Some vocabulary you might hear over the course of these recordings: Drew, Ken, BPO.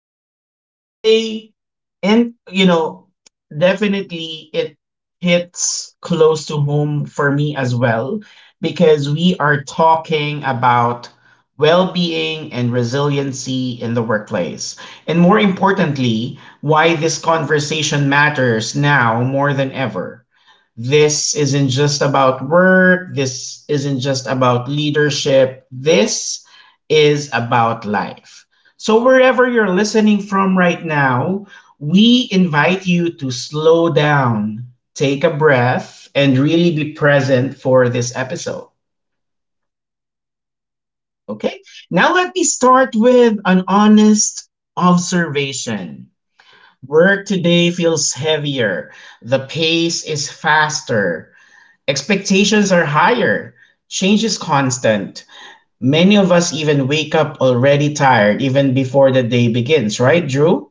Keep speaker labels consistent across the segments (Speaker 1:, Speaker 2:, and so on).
Speaker 1: here today. And, you know, definitely it hits close to home for me as well, because we are talking about well being and resiliency in the workplace. And more importantly, why this conversation matters now more than ever. This isn't just about work. This isn't just about leadership. This is about life. So, wherever you're listening from right now, we invite you to slow down, take a breath, and really be present for this episode. Okay? Now, let me start with an honest observation. Work today feels heavier, the pace is faster, expectations are higher. Change is constant. Many of us even wake up already tired even before the day begins, right, Drew?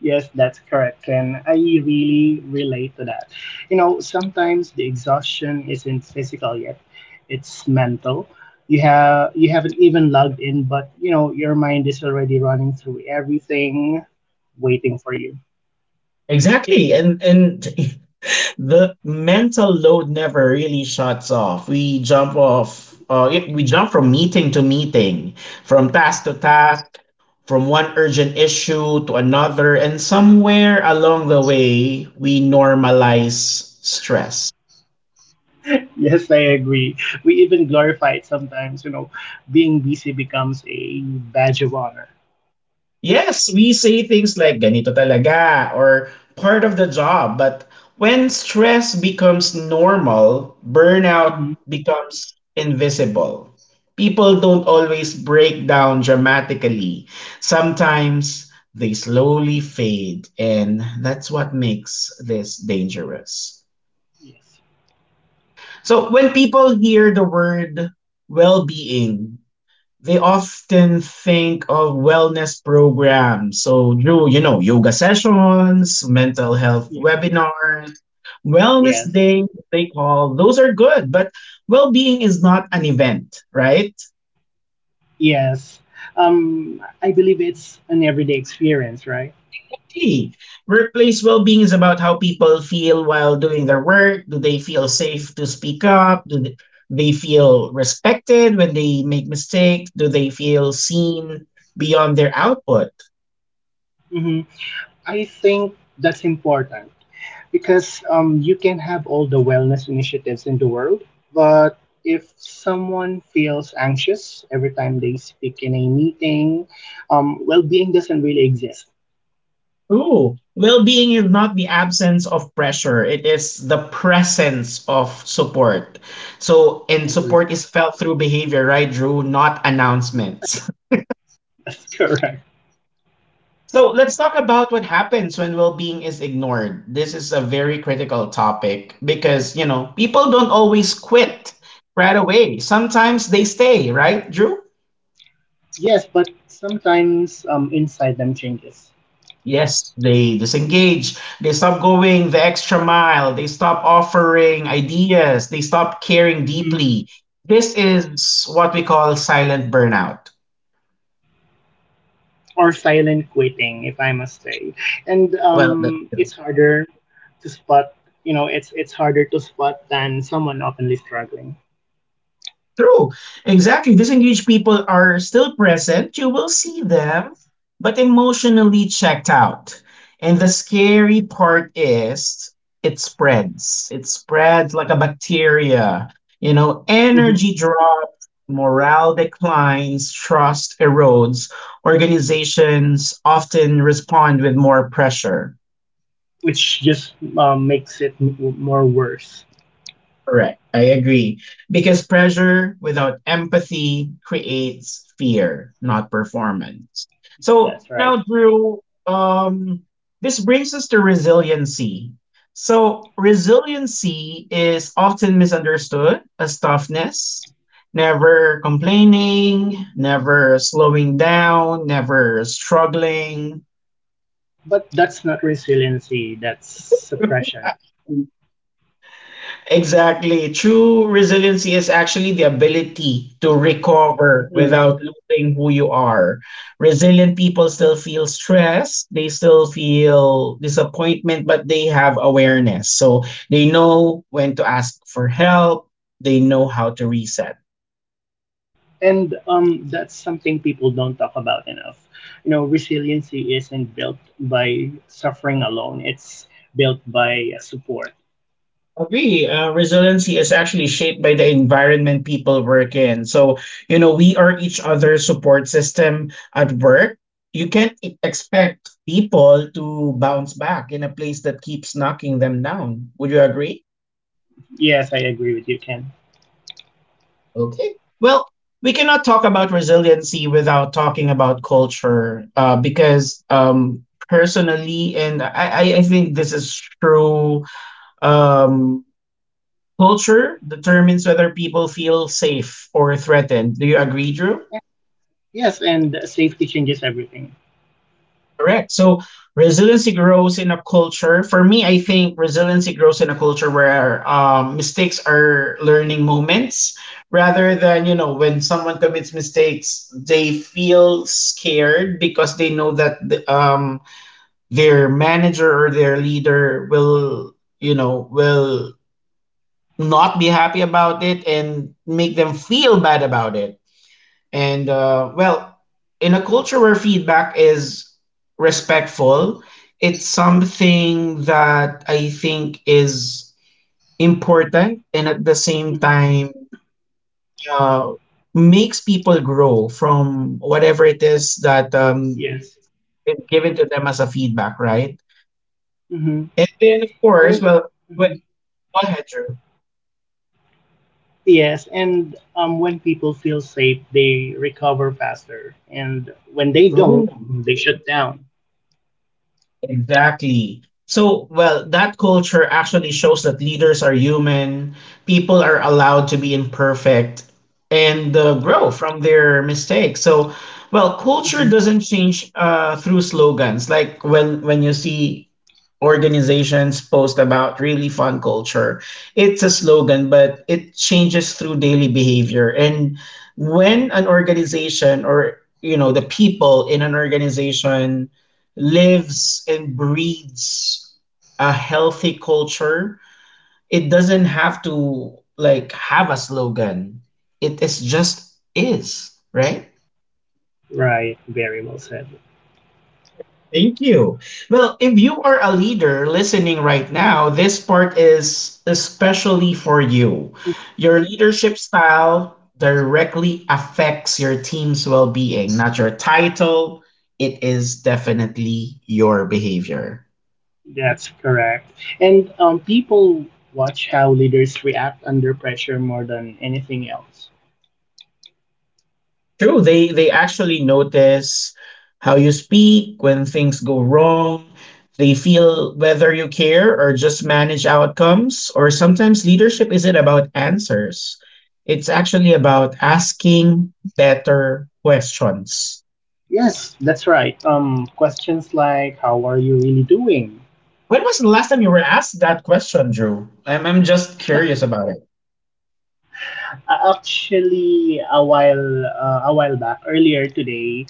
Speaker 2: Yes, that's correct. And I really relate to that. You know, sometimes the exhaustion isn't physical yet, it's mental. You haven't even logged in, but you know, your mind is already running through everything waiting for you.
Speaker 1: Exactly. And the mental load never really shuts off. We jump from meeting to meeting, from task to
Speaker 2: Yes.
Speaker 1: task, from one urgent issue to another, and somewhere along the way we normalize stress.
Speaker 2: Yes, I agree. We even glorify it sometimes, you know, being busy becomes a badge of honor.
Speaker 1: Yes, we say things like ganito talaga or part of the job, but when stress becomes normal, burnout
Speaker 2: hmm
Speaker 1: becomes invisible. People don't always break down dramatically. Sometimes they slowly fade, and that's what makes this dangerous.
Speaker 2: Yes.
Speaker 1: So when people hear the word well-being, they often think of wellness programs. So, Drew, you know, yoga sessions, mental health
Speaker 2: Yes.
Speaker 1: webinars, wellness
Speaker 2: Yes.
Speaker 1: days, they call those are good, but well being is not an event, right?
Speaker 2: Yes. I believe it's an everyday experience, right?
Speaker 1: Exactly. Workplace well being is about how people feel while doing their work. Do they feel safe to speak up? Do they feel respected when they make mistakes? Do they feel seen beyond their output?
Speaker 2: hmm I think that's important because you can have all the wellness initiatives in the world, but if someone feels anxious every time they speak in a meeting, well being doesn't really exist.
Speaker 1: True. Well being is not the absence of pressure, it is the presence of support. So, and support
Speaker 2: Agree.
Speaker 1: is felt through behavior, right, Drew? Not
Speaker 2: Right.
Speaker 1: announcements.
Speaker 2: That's correct.
Speaker 1: So, let's talk about what happens when well being is ignored. This is a very critical topic because, you know, people don't always quit right away. Sometimes they stay, right, Drew?
Speaker 2: Yes, but sometimes inside them changes.
Speaker 1: Yes, they disengage. They stop going the extra mile. They stop offering ideas. They stop caring deeply. This is what we call silent burnout.
Speaker 2: Or silent quitting, if I must say. And
Speaker 1: Well, the,
Speaker 2: it's harder to spot, you know, it's harder to spot than someone openly struggling.
Speaker 1: True. Exactly. Disengaged people are still present. You will see them, but emotionally checked out. And the scary part is it spreads. It spreads like a bacteria. You know,
Speaker 2: hmm
Speaker 1: energy drops, morale declines, trust erodes. Organizations often respond with more pressure.
Speaker 2: which just makes it more worse.
Speaker 1: Correct. I agree. Because pressure without empathy creates fear, not performance. So
Speaker 2: That's right.
Speaker 1: now, Drew, this brings us to resiliency. So, resiliency is often misunderstood as toughness, never complaining, never slowing down, never struggling.
Speaker 2: But that's not resiliency. That's suppression.
Speaker 1: Exactly. True resiliency is actually the ability to recover
Speaker 2: hmm
Speaker 1: without losing who you are. Resilient people still feel stress, they still feel disappointment, but they have awareness. So they know when to ask for help, they know how to reset.
Speaker 2: And that's something people don't talk about enough. You know, resiliency isn't built by suffering alone. It's built by support.
Speaker 1: Agree. Resiliency is actually shaped by the environment people work in. So, you know, we are each other's support system at work. You can't expect people to bounce back in a place that keeps knocking them down. Would you agree?
Speaker 2: Yes, I agree with you, Ken.
Speaker 1: Okay. Well, we cannot talk about resiliency without talking about culture, because personally, and I think this is true. Um, Culture determines whether people feel safe or threatened. Do you agree, Drew?
Speaker 2: Yes, and safety changes everything.
Speaker 1: Correct. So resiliency grows in a culture. For me, I think resiliency grows in a culture where mistakes are learning moments rather than, you know, when someone commits mistakes, they feel scared because they know that the, their manager or their leader will, you know, will not be happy about it and make them feel bad about it. And well, in a culture where feedback is respectful, it's something that I think is important and at the same
Speaker 2: Mhm.
Speaker 1: time uh, makes people grow from whatever it is that
Speaker 2: Yes.
Speaker 1: is given to them as a feedback, right?
Speaker 2: hmm
Speaker 1: And then, of course,
Speaker 2: And
Speaker 1: well, wh-
Speaker 2: mhm.
Speaker 1: go ahead, Drew.
Speaker 2: Yes, and when people feel safe, they recover faster, and when they
Speaker 1: True.
Speaker 2: don't, they shut down.
Speaker 1: Exactly. So, well, that culture actually shows that leaders are human, people are allowed to be imperfect and grow from their mistakes. So, well, culture
Speaker 2: hmm
Speaker 1: doesn't change through slogans. Like when you see organizations post about really fun culture. It's a slogan, but it changes through daily behavior. And when an organization or you know the people in an organization lives and breeds a healthy culture, it doesn't have to like have a slogan. It is just is, right?
Speaker 2: Right. Very well said.
Speaker 1: Thank you. Well, if you are a leader listening right now, this part is especially for you.
Speaker 2: hmm
Speaker 1: Your leadership style directly affects your team's well being, not your title. It is definitely your behavior.
Speaker 2: That's correct. And people watch how leaders react under pressure more than anything else.
Speaker 1: True. They actually notice how you speak when things go wrong. They feel whether you care or just manage outcomes. Or sometimes leadership isn't about answers. It's actually about asking better questions.
Speaker 2: Yes, that's right. Questions like "How are you really doing?"
Speaker 1: When was the last time you were asked that question, Drew? I'm just curious about
Speaker 2: Actually, a while back, earlier today,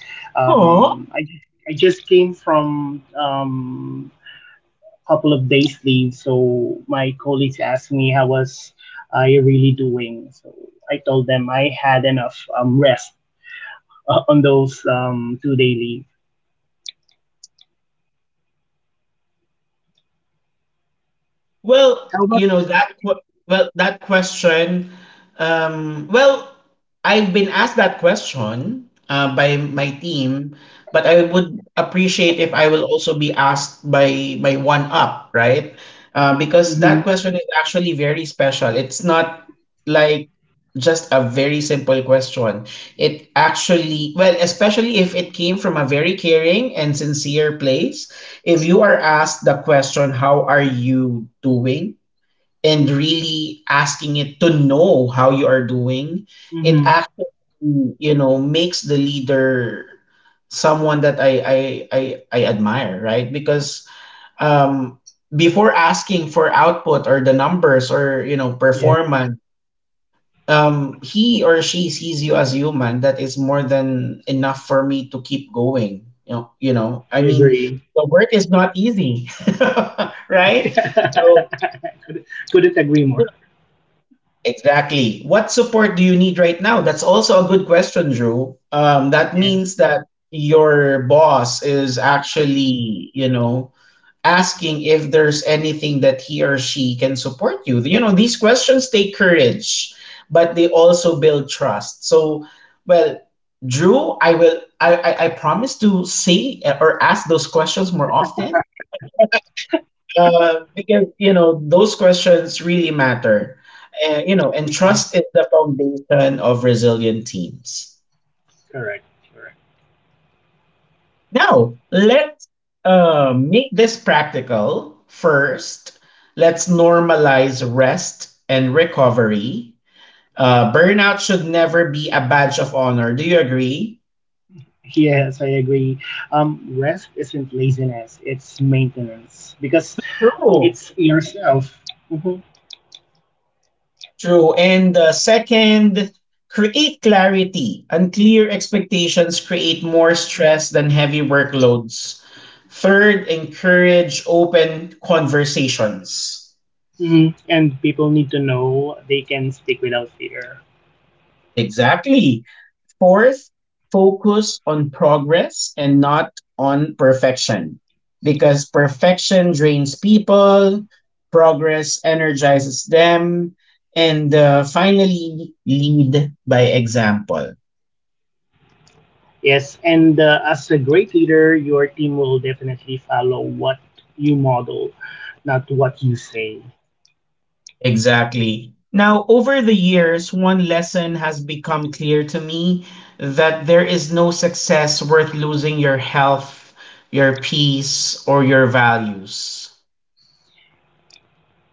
Speaker 1: it.
Speaker 2: I just came from a couple of days leave, so my colleagues asked me how was I really doing. So I told them I had enough rest on those 2 day leave.
Speaker 1: Well,
Speaker 2: How
Speaker 1: you
Speaker 2: about you?
Speaker 1: know that que- well, that question. Well, I've been asked that question by my team, but I would appreciate if I will also be asked by one up, right? Because that
Speaker 2: Mm-hmm.
Speaker 1: question is actually very special. It's not like just a very simple question. It actually, well, especially if it came from a very caring and sincere place, if you are asked the question, "How are you doing?" and really asking it to know how you are doing, it
Speaker 2: Mm-hmm.
Speaker 1: actually, you know, makes the leader someone that I admire, right? Because um, before asking for output or the numbers or, you know,
Speaker 2: Yes,
Speaker 1: performance, he or she sees you as human, that is more than enough for me to keep going. You know. I
Speaker 2: I
Speaker 1: mean,
Speaker 2: agree.
Speaker 1: the work is not easy, right? So
Speaker 2: Couldn't couldn't agree more.
Speaker 1: exactly, what support do you need right now? That's also a good question, Drew. That
Speaker 2: Yes.
Speaker 1: means that your boss is actually, you know, asking if there's anything that he or she can support you. You know, these questions take courage, but they also build trust. So, well, Drew, I will. I promise to say or ask those questions more often. Because you know those questions really matter. You know, and
Speaker 2: Mhm.
Speaker 1: trust is the foundation of resilient teams.
Speaker 2: Correct. Correct.
Speaker 1: Now, let's make this practical. First, let's normalize rest and recovery. Burnout should never be a badge of honor. Do you agree?
Speaker 2: Yes, I agree. Rest isn't laziness, it's maintenance because
Speaker 1: True.
Speaker 2: it's yourself. hmm
Speaker 1: True. And second, create clarity. Unclear expectations create more stress than heavy workloads. Third, encourage open conversations.
Speaker 2: And people need to know they can speak without fear.
Speaker 1: Exactly. Fourth, focus on progress and not on perfection because perfection drains people, progress energizes them, and finally, lead by example.
Speaker 2: Yes, and as a great leader, your team will definitely follow what you model, not what you say.
Speaker 1: Exactly. Now, over the years, one lesson has become clear to me that there is no success worth losing your health, your peace, or your values.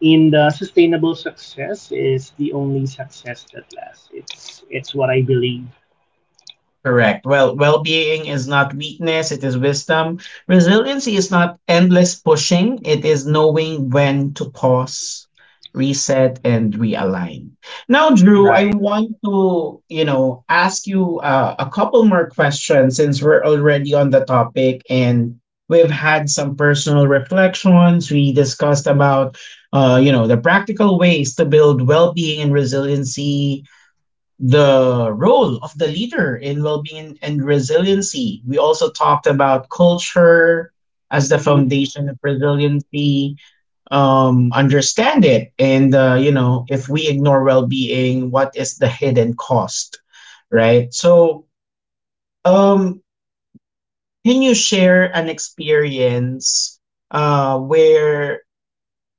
Speaker 2: In the sustainable success is the only success that lasts. It's what I believe.
Speaker 1: Correct. Well, well-being is not weakness, it is wisdom. Resiliency is not endless pushing, it is knowing when to pause, reset, and realign. Now, Drew, I
Speaker 2: Right.
Speaker 1: want to, you know, ask you a couple more questions since we're already on the topic and we've had some personal reflections. We discussed about, you know, the practical ways to build well-being and resiliency, the role of the leader in well-being and resiliency. We also talked about culture as the
Speaker 2: Mm-hmm.
Speaker 1: foundation of resiliency. Understand it, and you know, if we ignore well-being, what is the hidden cost, right? So, um, can you share an experience where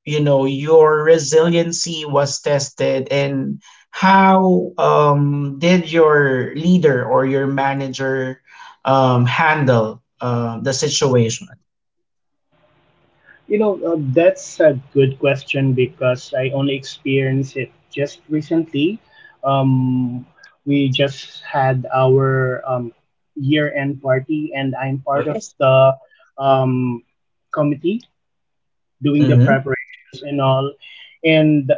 Speaker 1: you know your resiliency was tested and how did your leader or your manager handle the situation?
Speaker 2: You know, that's a good question because I only experienced it just recently. Um, we just had our year-end party, and I'm part
Speaker 1: Okay.
Speaker 2: of
Speaker 1: Yes.
Speaker 2: the um, committee doing the
Speaker 1: Mm-hmm.
Speaker 2: preparations and all. And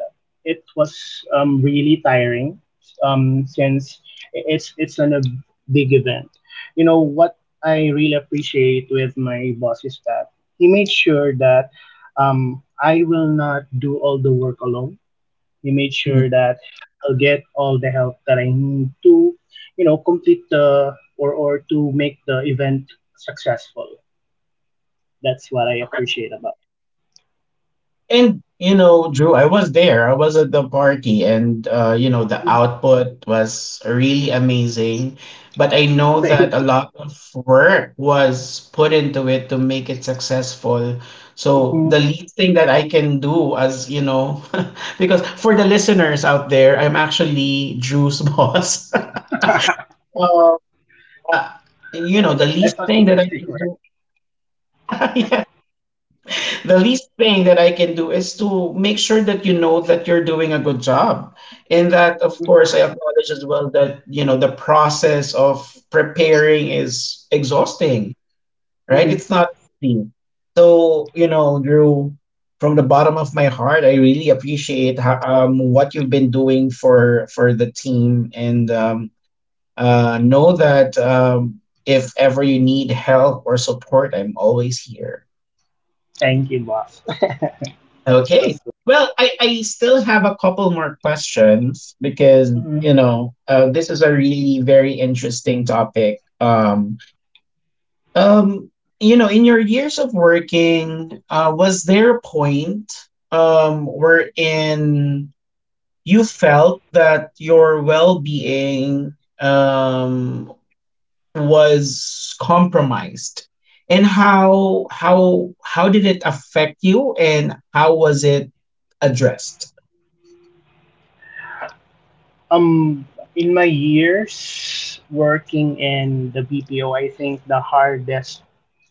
Speaker 2: it was really tiring since it's a big event. You know what I really appreciate with my boss is that he made sure that I will not do all the work alone. He made sure that I'll get all the help that I need to, you know, complete the or to make the event successful. That's what I appreciate about
Speaker 1: And you know, Drew, I was there. I was at the party, and you know, the
Speaker 2: him.
Speaker 1: output was really amazing. But I know that a
Speaker 2: Thank you.
Speaker 1: lot of work was put into it to make it successful. So
Speaker 2: Mm-hmm.
Speaker 1: the least thing that I can do, as you know, because for the listeners out there, I'm actually Drew's boss. um, uh, you know, the
Speaker 2: It's,
Speaker 1: least
Speaker 2: such,
Speaker 1: thing
Speaker 2: it's
Speaker 1: that
Speaker 2: a
Speaker 1: I can do.
Speaker 2: secret.
Speaker 1: The least thing that I can do is to make sure that you know that you're doing a good job. And that, of course, I acknowledge as well that, you know, the process of preparing is exhausting, right?
Speaker 2: Mm-hmm.
Speaker 1: It's not easy. So, you know, Drew, from the bottom of my heart, I really appreciate what you've been doing for the team, and know that if ever you need help or support, I'm always here.
Speaker 2: Thank you, boss. That's so
Speaker 1: Okay.
Speaker 2: sweet.
Speaker 1: Well, I still have a couple more questions because,
Speaker 2: Mhm.
Speaker 1: this is a really very interesting topic. Um, in your years of working, was there a point wherein you felt that your well being was compromised? And how did it affect you, and how was it addressed?
Speaker 2: Um, in my years working in the BPO, I think the hardest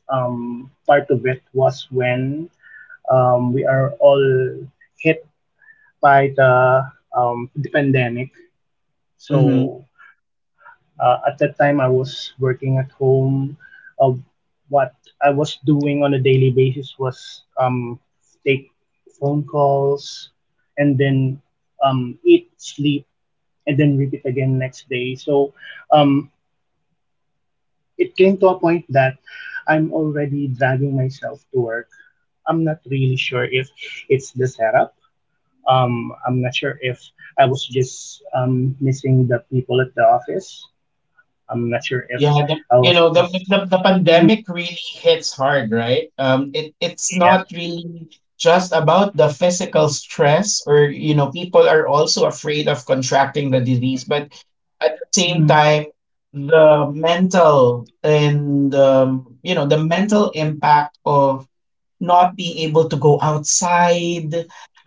Speaker 2: part of it was when we are all hit by the the pandemic.
Speaker 1: Mm-hmm.
Speaker 2: So at that time, I was working at home. Uh, what I was doing on a daily basis was take phone calls and then eat, sleep, and then repeat again next day. So um, it came to a point that I'm already dragging myself to work. I'm not really sure if it's the setup. I'm not sure if I was just missing the people at the office. I'm not sure
Speaker 1: Yeah,
Speaker 2: if
Speaker 1: the,
Speaker 2: I
Speaker 1: you
Speaker 2: was
Speaker 1: know
Speaker 2: just
Speaker 1: the pandemic
Speaker 2: Mm-hmm.
Speaker 1: really hits hard, right? It it's
Speaker 2: Yes,
Speaker 1: not really just about the physical stress, or, you know, people are also afraid of contracting the disease, but at the same
Speaker 2: Mm-hmm.
Speaker 1: time, the mental and, you know, the mental impact of not being able to go outside,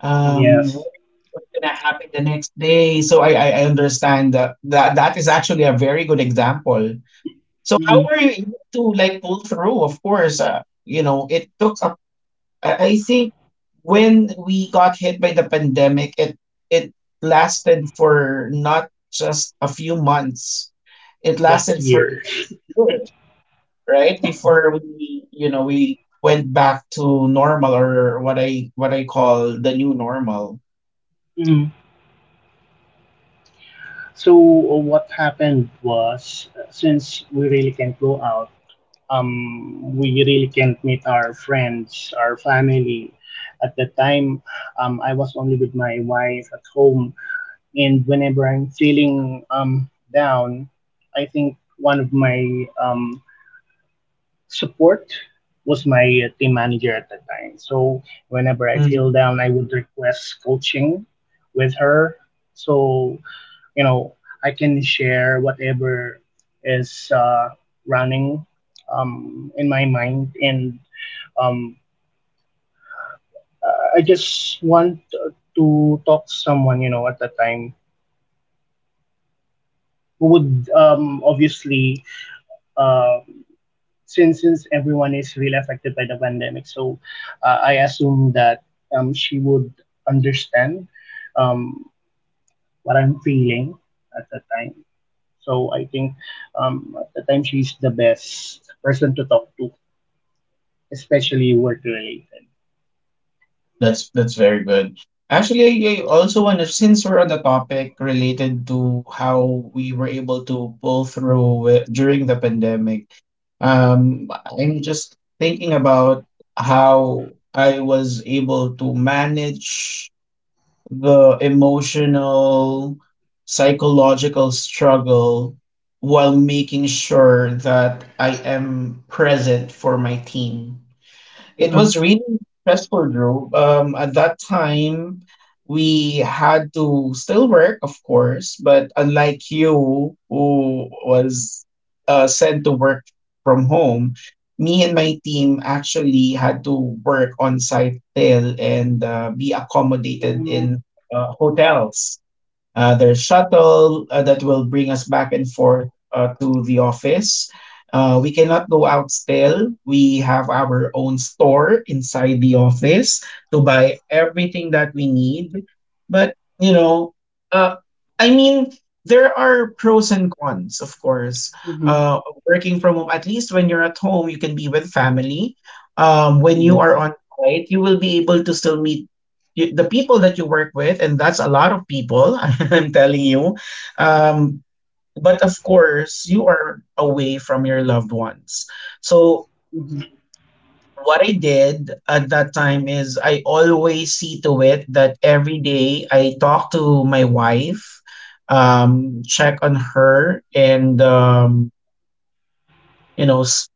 Speaker 1: um,
Speaker 2: Yes,
Speaker 1: what- what's gonna happen the next day. So I understand that, that is actually a very good example. So how
Speaker 2: Mm-hmm.
Speaker 1: were you able to, like, pull through? Of course, you know, it took. I think when we got hit by the pandemic, it lasted for not just a few months. It
Speaker 2: But
Speaker 1: lasted for
Speaker 2: years.
Speaker 1: right before we, you know, we went back to normal, or what I call the new normal.
Speaker 2: Mm-hmm. So what happened was since we really can't go out, we really can't meet our friends, our family. At the time, I was only with my wife at home, and whenever I'm feeling down, I think one of my support was my team manager at the time. So whenever I
Speaker 1: Mm.
Speaker 2: feel down, I would request coaching with her. So you know, I can share whatever is running in my mind, and um, I just want to talk to someone you know at the time who would obviously uh, since everyone is really affected by the pandemic, so I assume that she would understand um, what I'm feeling at the time. So I think at the time she's the best person to talk to, especially work related.
Speaker 1: That's very good, actually. I also want to, since we're on the topic related to how we were able to pull through during the pandemic. um I'm just thinking about how I was able to manage the emotional, psychological struggle while making sure that I am present for my team. It
Speaker 2: Uh-huh.
Speaker 1: was really stressful, Drew. At that time, we had to still work, of course, but unlike you, who was sent to work from home, me and my team actually had to work on site till, and be
Speaker 2: Oh,
Speaker 1: accommodated in
Speaker 2: no.
Speaker 1: hotels. There's shuttle that will bring us back and forth to the office. We cannot go out still. We have our own store inside the office to buy everything that we need. But, you know, uh, I mean, there are pros and cons, of course.
Speaker 2: Uh-huh.
Speaker 1: Uh, working from home, at least when you're at home, you can be with family. When you are
Speaker 2: Yes.
Speaker 1: on site, you will be able to still meet the people that you work with, and that's a lot of people, I'm telling you. Um, but of course, you are away from your loved ones. So,
Speaker 2: Uh-huh.
Speaker 1: what I did at that time is I always see to it that every day I talk to my wife, check on her, and, you know, s-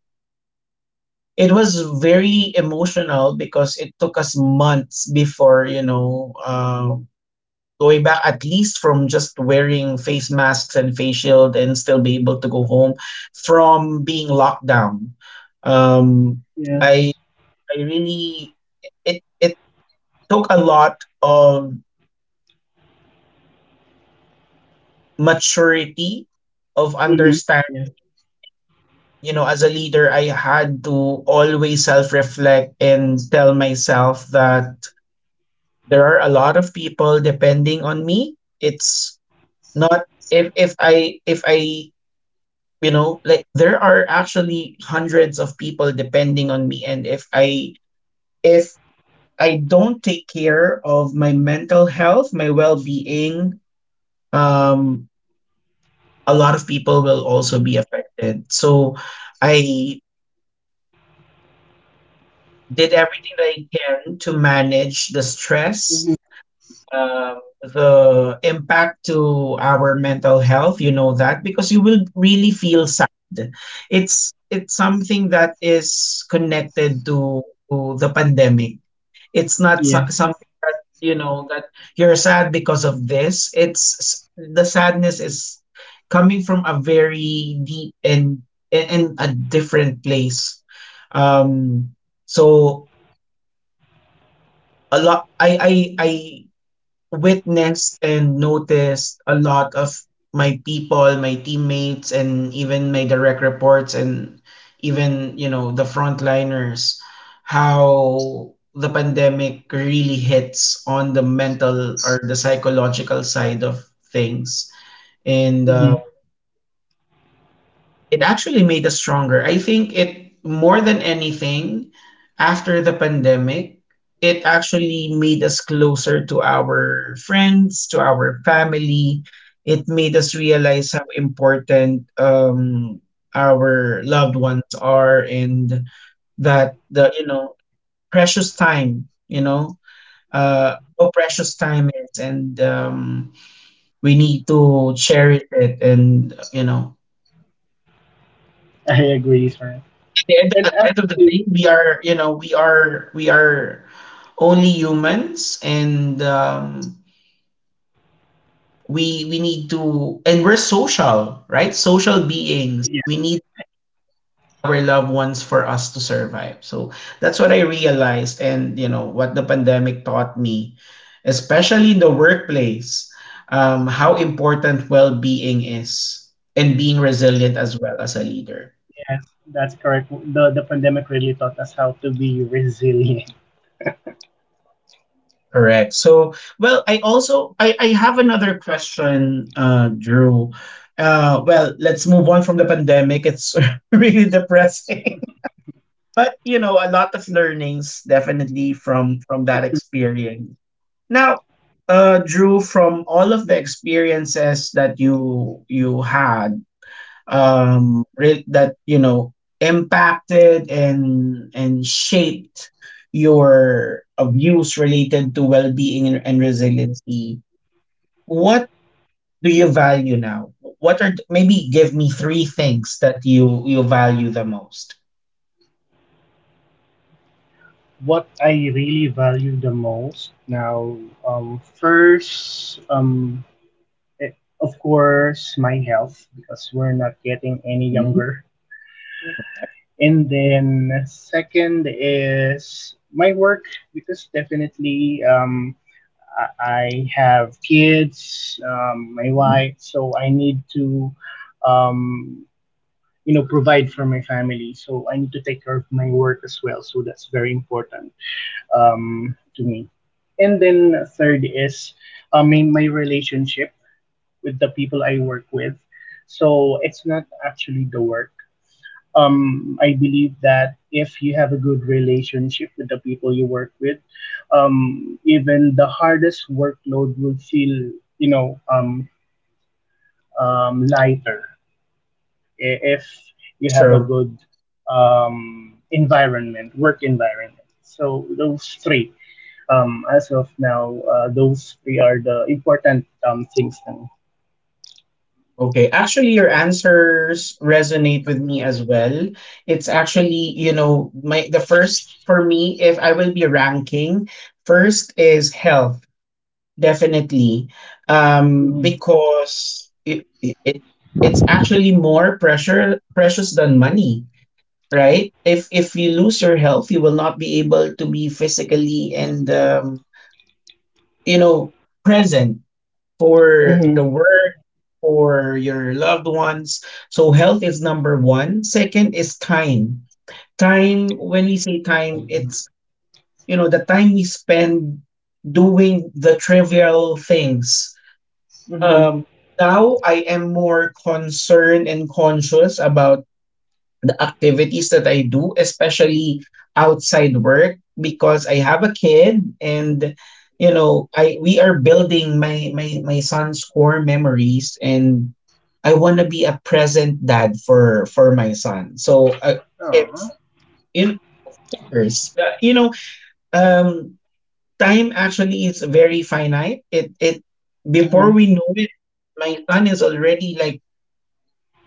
Speaker 1: it was very emotional because it took us months before, you know, going back, at least from just wearing face masks and face shield, and still be able to go home from being locked down. Um, I
Speaker 2: Yes.
Speaker 1: I really it it took a lot of maturity of
Speaker 2: Uh-huh.
Speaker 1: understand,
Speaker 2: Yes.
Speaker 1: you know, as a leader, I had to always self reflect and tell myself that there are a lot of people depending on me. It's not if if I if I you know, like, there are actually hundreds of people depending on me, and if I don't take care of my mental health, my well-being, um a lot of people will also be affected. So I did everything that I can to manage the stress,
Speaker 2: Uh-huh.
Speaker 1: um, the impact to our mental health. You know that, because you will really feel sad. It's something that is connected to the pandemic. It's not so-
Speaker 2: Yes.
Speaker 1: something that, you know, that you're sad because of this. The sadness is coming from a very deep and a different place. um so a lot, I witnessed and noticed a lot of my people, my teammates, and even my direct reports, and even, you know, the frontliners, how the pandemic really hits on the mental or the psychological side of things. And
Speaker 2: Uh-huh.
Speaker 1: it actually made us stronger. I think it, more than anything, after the pandemic, it actually made us closer to our friends, to our family. It made us realize how important, um, our loved ones are, and that the, you know, precious time, you know, how precious time is, and um, we need to cherish it. And, you know,
Speaker 2: I agree, sir. And
Speaker 1: at the end of the
Speaker 2: actually
Speaker 1: day, we are,
Speaker 2: Uh-huh.
Speaker 1: you know, we are only humans. And we need to, and we're social, right? Social beings. We
Speaker 2: Yes.
Speaker 1: need our loved ones for us to survive. So that's what I realized, and you know what the pandemic taught me, especially in the workplace, how important well-being is, and being resilient as well as a leader.
Speaker 2: Yes, that's correct. The pandemic really taught us how to be resilient.
Speaker 1: Correct. So, well, I also I have another question, Drew. Well, let's move on from the pandemic. It's really depressing, but you know, a lot of learnings, definitely, from that
Speaker 2: hmm
Speaker 1: experience. Now, Drew, from all of the experiences that you had, that, you know, impacted and shaped your, views related to well-being and resiliency, what do you value now? What are maybe give me three things that you value the most.
Speaker 2: What I really value the most now, first, eh, of course, my health because we're not getting any younger, and then second is my work because definitely, um, I I have kids, my
Speaker 1: Mhm.
Speaker 2: wife, so I need to, um, you know, provide for my family, so I need to take care of my work as well. So that's very important to me. And then third is I mean my relationship with the people I work with. So it's not actually the work. I believe that if you have a good relationship with the people you work with, even the hardest workload will feel, you know um, lighter. If you have a
Speaker 1: Sure.
Speaker 2: good environment, work environment. So those three, as of now, those three are the important things. Now.
Speaker 1: Okay, actually, your answers resonate with me as well. It's actually, you know, my the first for me, if I will be ranking, first is health, definitely,
Speaker 2: Mm-hmm.
Speaker 1: because it it's actually more pressure precious than money, right? If you lose your health, you will not be able to be physically and, you know, present for
Speaker 2: Mm-hmm.
Speaker 1: the work, for your loved ones. So health is number one. Second is time. Time, when we say time, it's, you know, the time we spend doing the trivial things.
Speaker 2: Mm-hmm.
Speaker 1: Um, now I am more concerned and conscious about activities that I do, especially outside work, because I have a kid, and, you know, I we are building my son's core memories, and I want to be a present dad for my son. So if
Speaker 2: Aw.
Speaker 1: in course, you know, um, time actually is very finite. It
Speaker 2: Mm-hmm.
Speaker 1: Before we know it, my son is already, like,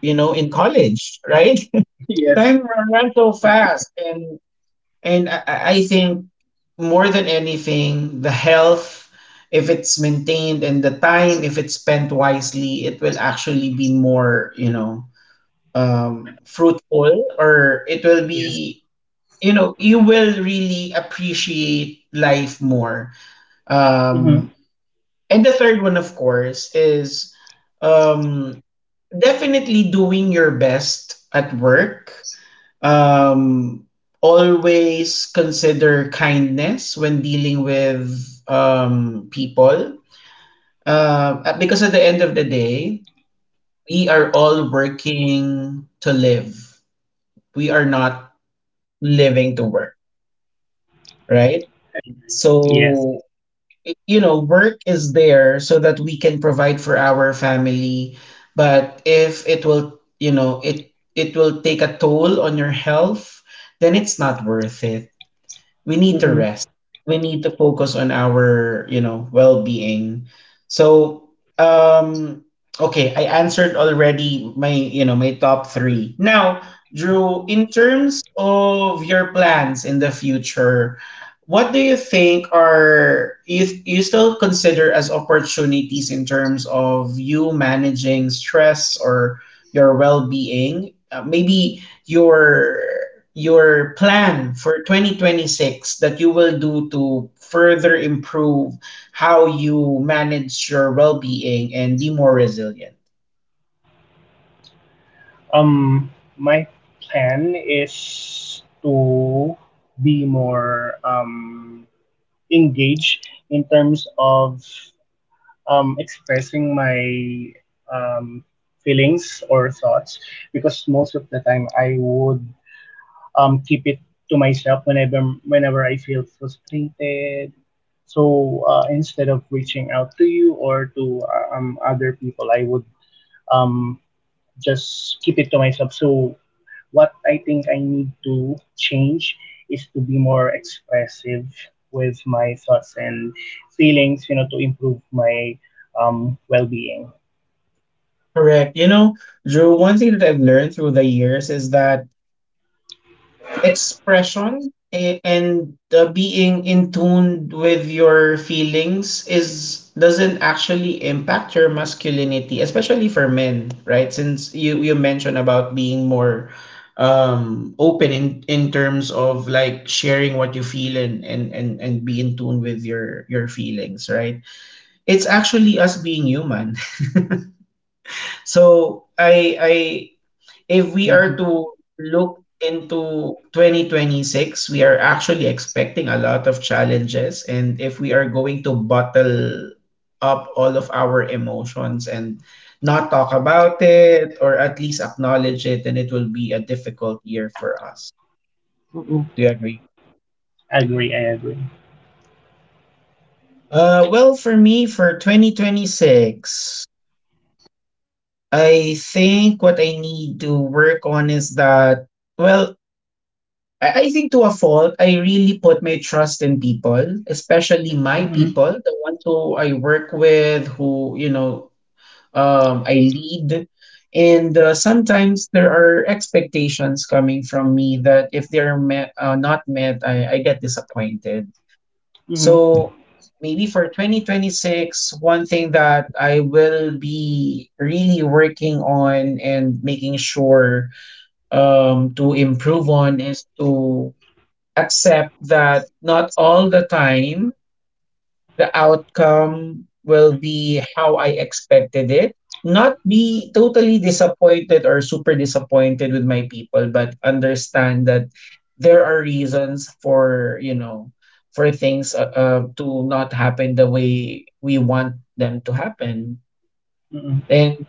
Speaker 1: you know, in college, right?
Speaker 2: Yes,
Speaker 1: Time runs so
Speaker 2: agree.
Speaker 1: fast. And I think, more than anything, the health, if it's maintained, and the time, if it's spent wisely, it will actually be more, you know, fruitful, or it will
Speaker 2: Yes,
Speaker 1: be, you know, you will really appreciate life more.
Speaker 2: mm-hmm.
Speaker 1: Um, and the third one, of course, is um, definitely doing your best at work. Um, always consider kindness when dealing with, people. Because at the end of the day, we are all working to live. We are not living to work, right?
Speaker 2: I agree.
Speaker 1: So
Speaker 2: Yes.
Speaker 1: you know, work is there so that we can provide for our family. But if it will, you know, it will take a toll on your health, then it's not worth it. We need to
Speaker 2: Mm-mm.
Speaker 1: rest. We need to focus on our, you know, well-being. So, um, okay, I answered already my, you know, my top three. Now, Drew, in terms of your plans in the future, what do you think are you still consider as opportunities in terms of you managing stress or your well-being, maybe your plan for 2026, that you will do to further improve how you manage your well-being and be more resilient?
Speaker 2: Um, my plan is to be more engaged in terms of expressing my um, feelings or thoughts because most of the time I would keep it to myself, whenever I feel frustrated. So instead of reaching out to you or to other people, I would um, just keep it to myself. So what I think I need to change is to be more expressive with my thoughts and feelings, you know, to improve my well-being.
Speaker 1: Correct. You know, Drew, one thing that I've learned through the years is that expression and being in tune with your feelings, is doesn't actually impact your masculinity, especially for men, right, since you mentioned about being more, um, open in terms of, like, sharing what you feel and and be in tune with your feelings, right? It's actually us being human. So I if we are
Speaker 2: Mm-hmm.
Speaker 1: to look into 2026, we are actually expecting a lot of challenges. And if we are going to bottle up all of our emotions and not talk about it, or at least acknowledge it, then it will be a difficult year for us.
Speaker 2: Mm-mm.
Speaker 1: Do you agree?
Speaker 2: I agree. I agree.
Speaker 1: Well, for me, for 2026, I think what I need to work on is that, well, I think, to a fault, I really put my trust in people, especially my
Speaker 2: Mm-hmm.
Speaker 1: people, the ones who I work with, who, you know, I lead. And sometimes there are expectations coming from me that if they're met, not met, I get disappointed.
Speaker 2: Mm-hmm.
Speaker 1: So maybe for 2026, one thing that I will be really working on and making sure, to improve on, is to accept that not all the time the outcome will be how I expected it. Not be totally disappointed or super disappointed with my people, but understand that there are reasons for, you know, for things to not happen the way we want them to happen.
Speaker 2: Mm-hmm.
Speaker 1: And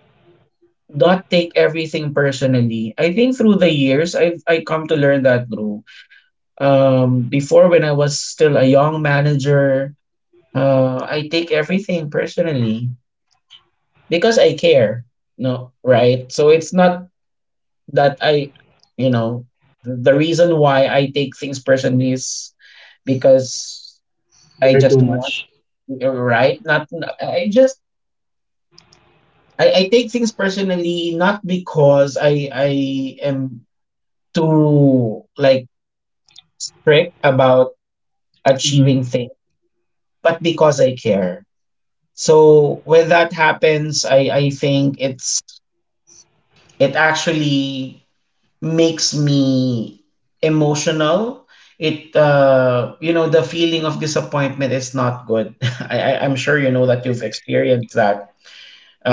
Speaker 1: not take everything personally. I think through the years, I come to learn that, bro. Before, when I was still a young manager, I take everything personally because I care. No, right? So it's not that I, you know, the reason why I take things personally is because
Speaker 2: You
Speaker 1: I
Speaker 2: care too
Speaker 1: just want
Speaker 2: much.
Speaker 1: right. I just I take things personally not because I am too, like, strict about
Speaker 2: Mm-hmm.
Speaker 1: achieving things, but because I care. So when that happens, I think it's, it actually makes me emotional. It, uh, you know, the feeling of disappointment is not good. I'm sure you know that, you've experienced that.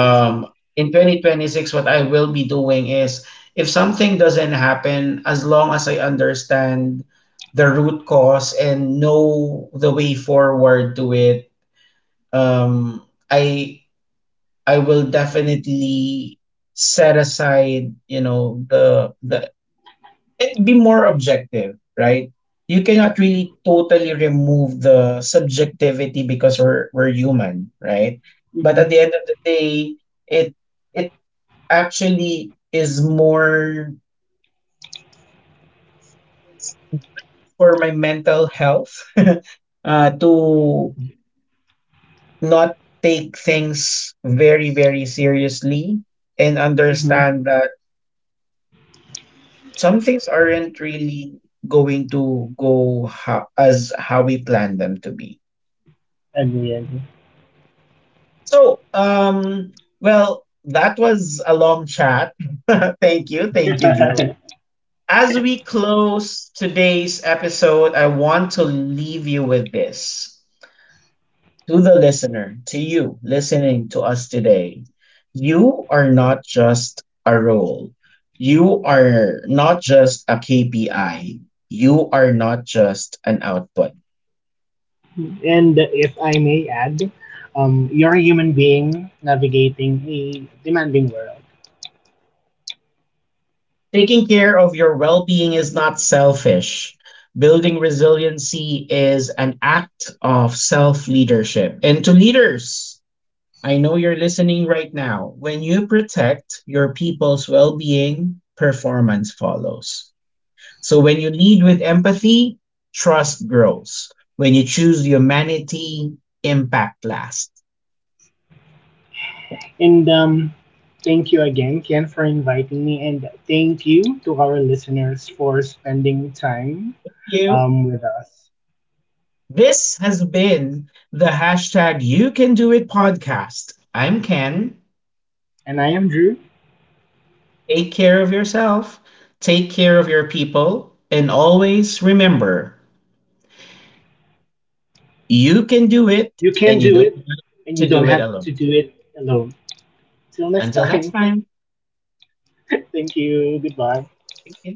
Speaker 2: Yes, sir.
Speaker 1: In 2026, what I will be doing is, if something doesn't happen, as long as I understand the root cause and know the way forward to it, um, I I will definitely set aside, you know, the and be more objective, right? You cannot really totally remove the subjectivity because we're human, right? But
Speaker 2: Mm-hmm.
Speaker 1: at the end of the day, it it actually is more for my mental health to not take things very, very seriously, and
Speaker 2: Mm-hmm.
Speaker 1: understand that some things aren't really going to go as how we plan them to be.
Speaker 2: Agree.
Speaker 1: So, well, that was a long chat. Thank you. Thank you, Drew.
Speaker 2: Agree.
Speaker 1: As we close today's episode, I want to leave you with this. To the listener, to you listening to us today. You are not just a role. You are not just a KPI. You are not just an output.
Speaker 2: And if I may add, you're a human being navigating a demanding world.
Speaker 1: Taking care of your well being is not selfish. Building resiliency is an act of self leadership. And to leaders, I know you're listening right now. When you protect your people's well being, performance follows. So when you lead with empathy, trust grows. When you choose humanity, impact lasts.
Speaker 2: And thank you again, Ken, for inviting me. And thank you to our listeners for spending time
Speaker 1: You.
Speaker 2: with us.
Speaker 1: This has been the hashtag You Can Do It podcast. I'm Ken.
Speaker 2: And I am Drew.
Speaker 1: Take care of yourself, take care of your people, and always remember, you can do it,
Speaker 2: You can
Speaker 1: and you
Speaker 2: do
Speaker 1: don't
Speaker 2: it,
Speaker 1: have
Speaker 2: and
Speaker 1: to
Speaker 2: you don't
Speaker 1: do it
Speaker 2: have
Speaker 1: alone.
Speaker 2: to do it alone. Till next
Speaker 1: Until next
Speaker 2: time,
Speaker 1: time.
Speaker 2: thank you. Goodbye.
Speaker 1: Take care.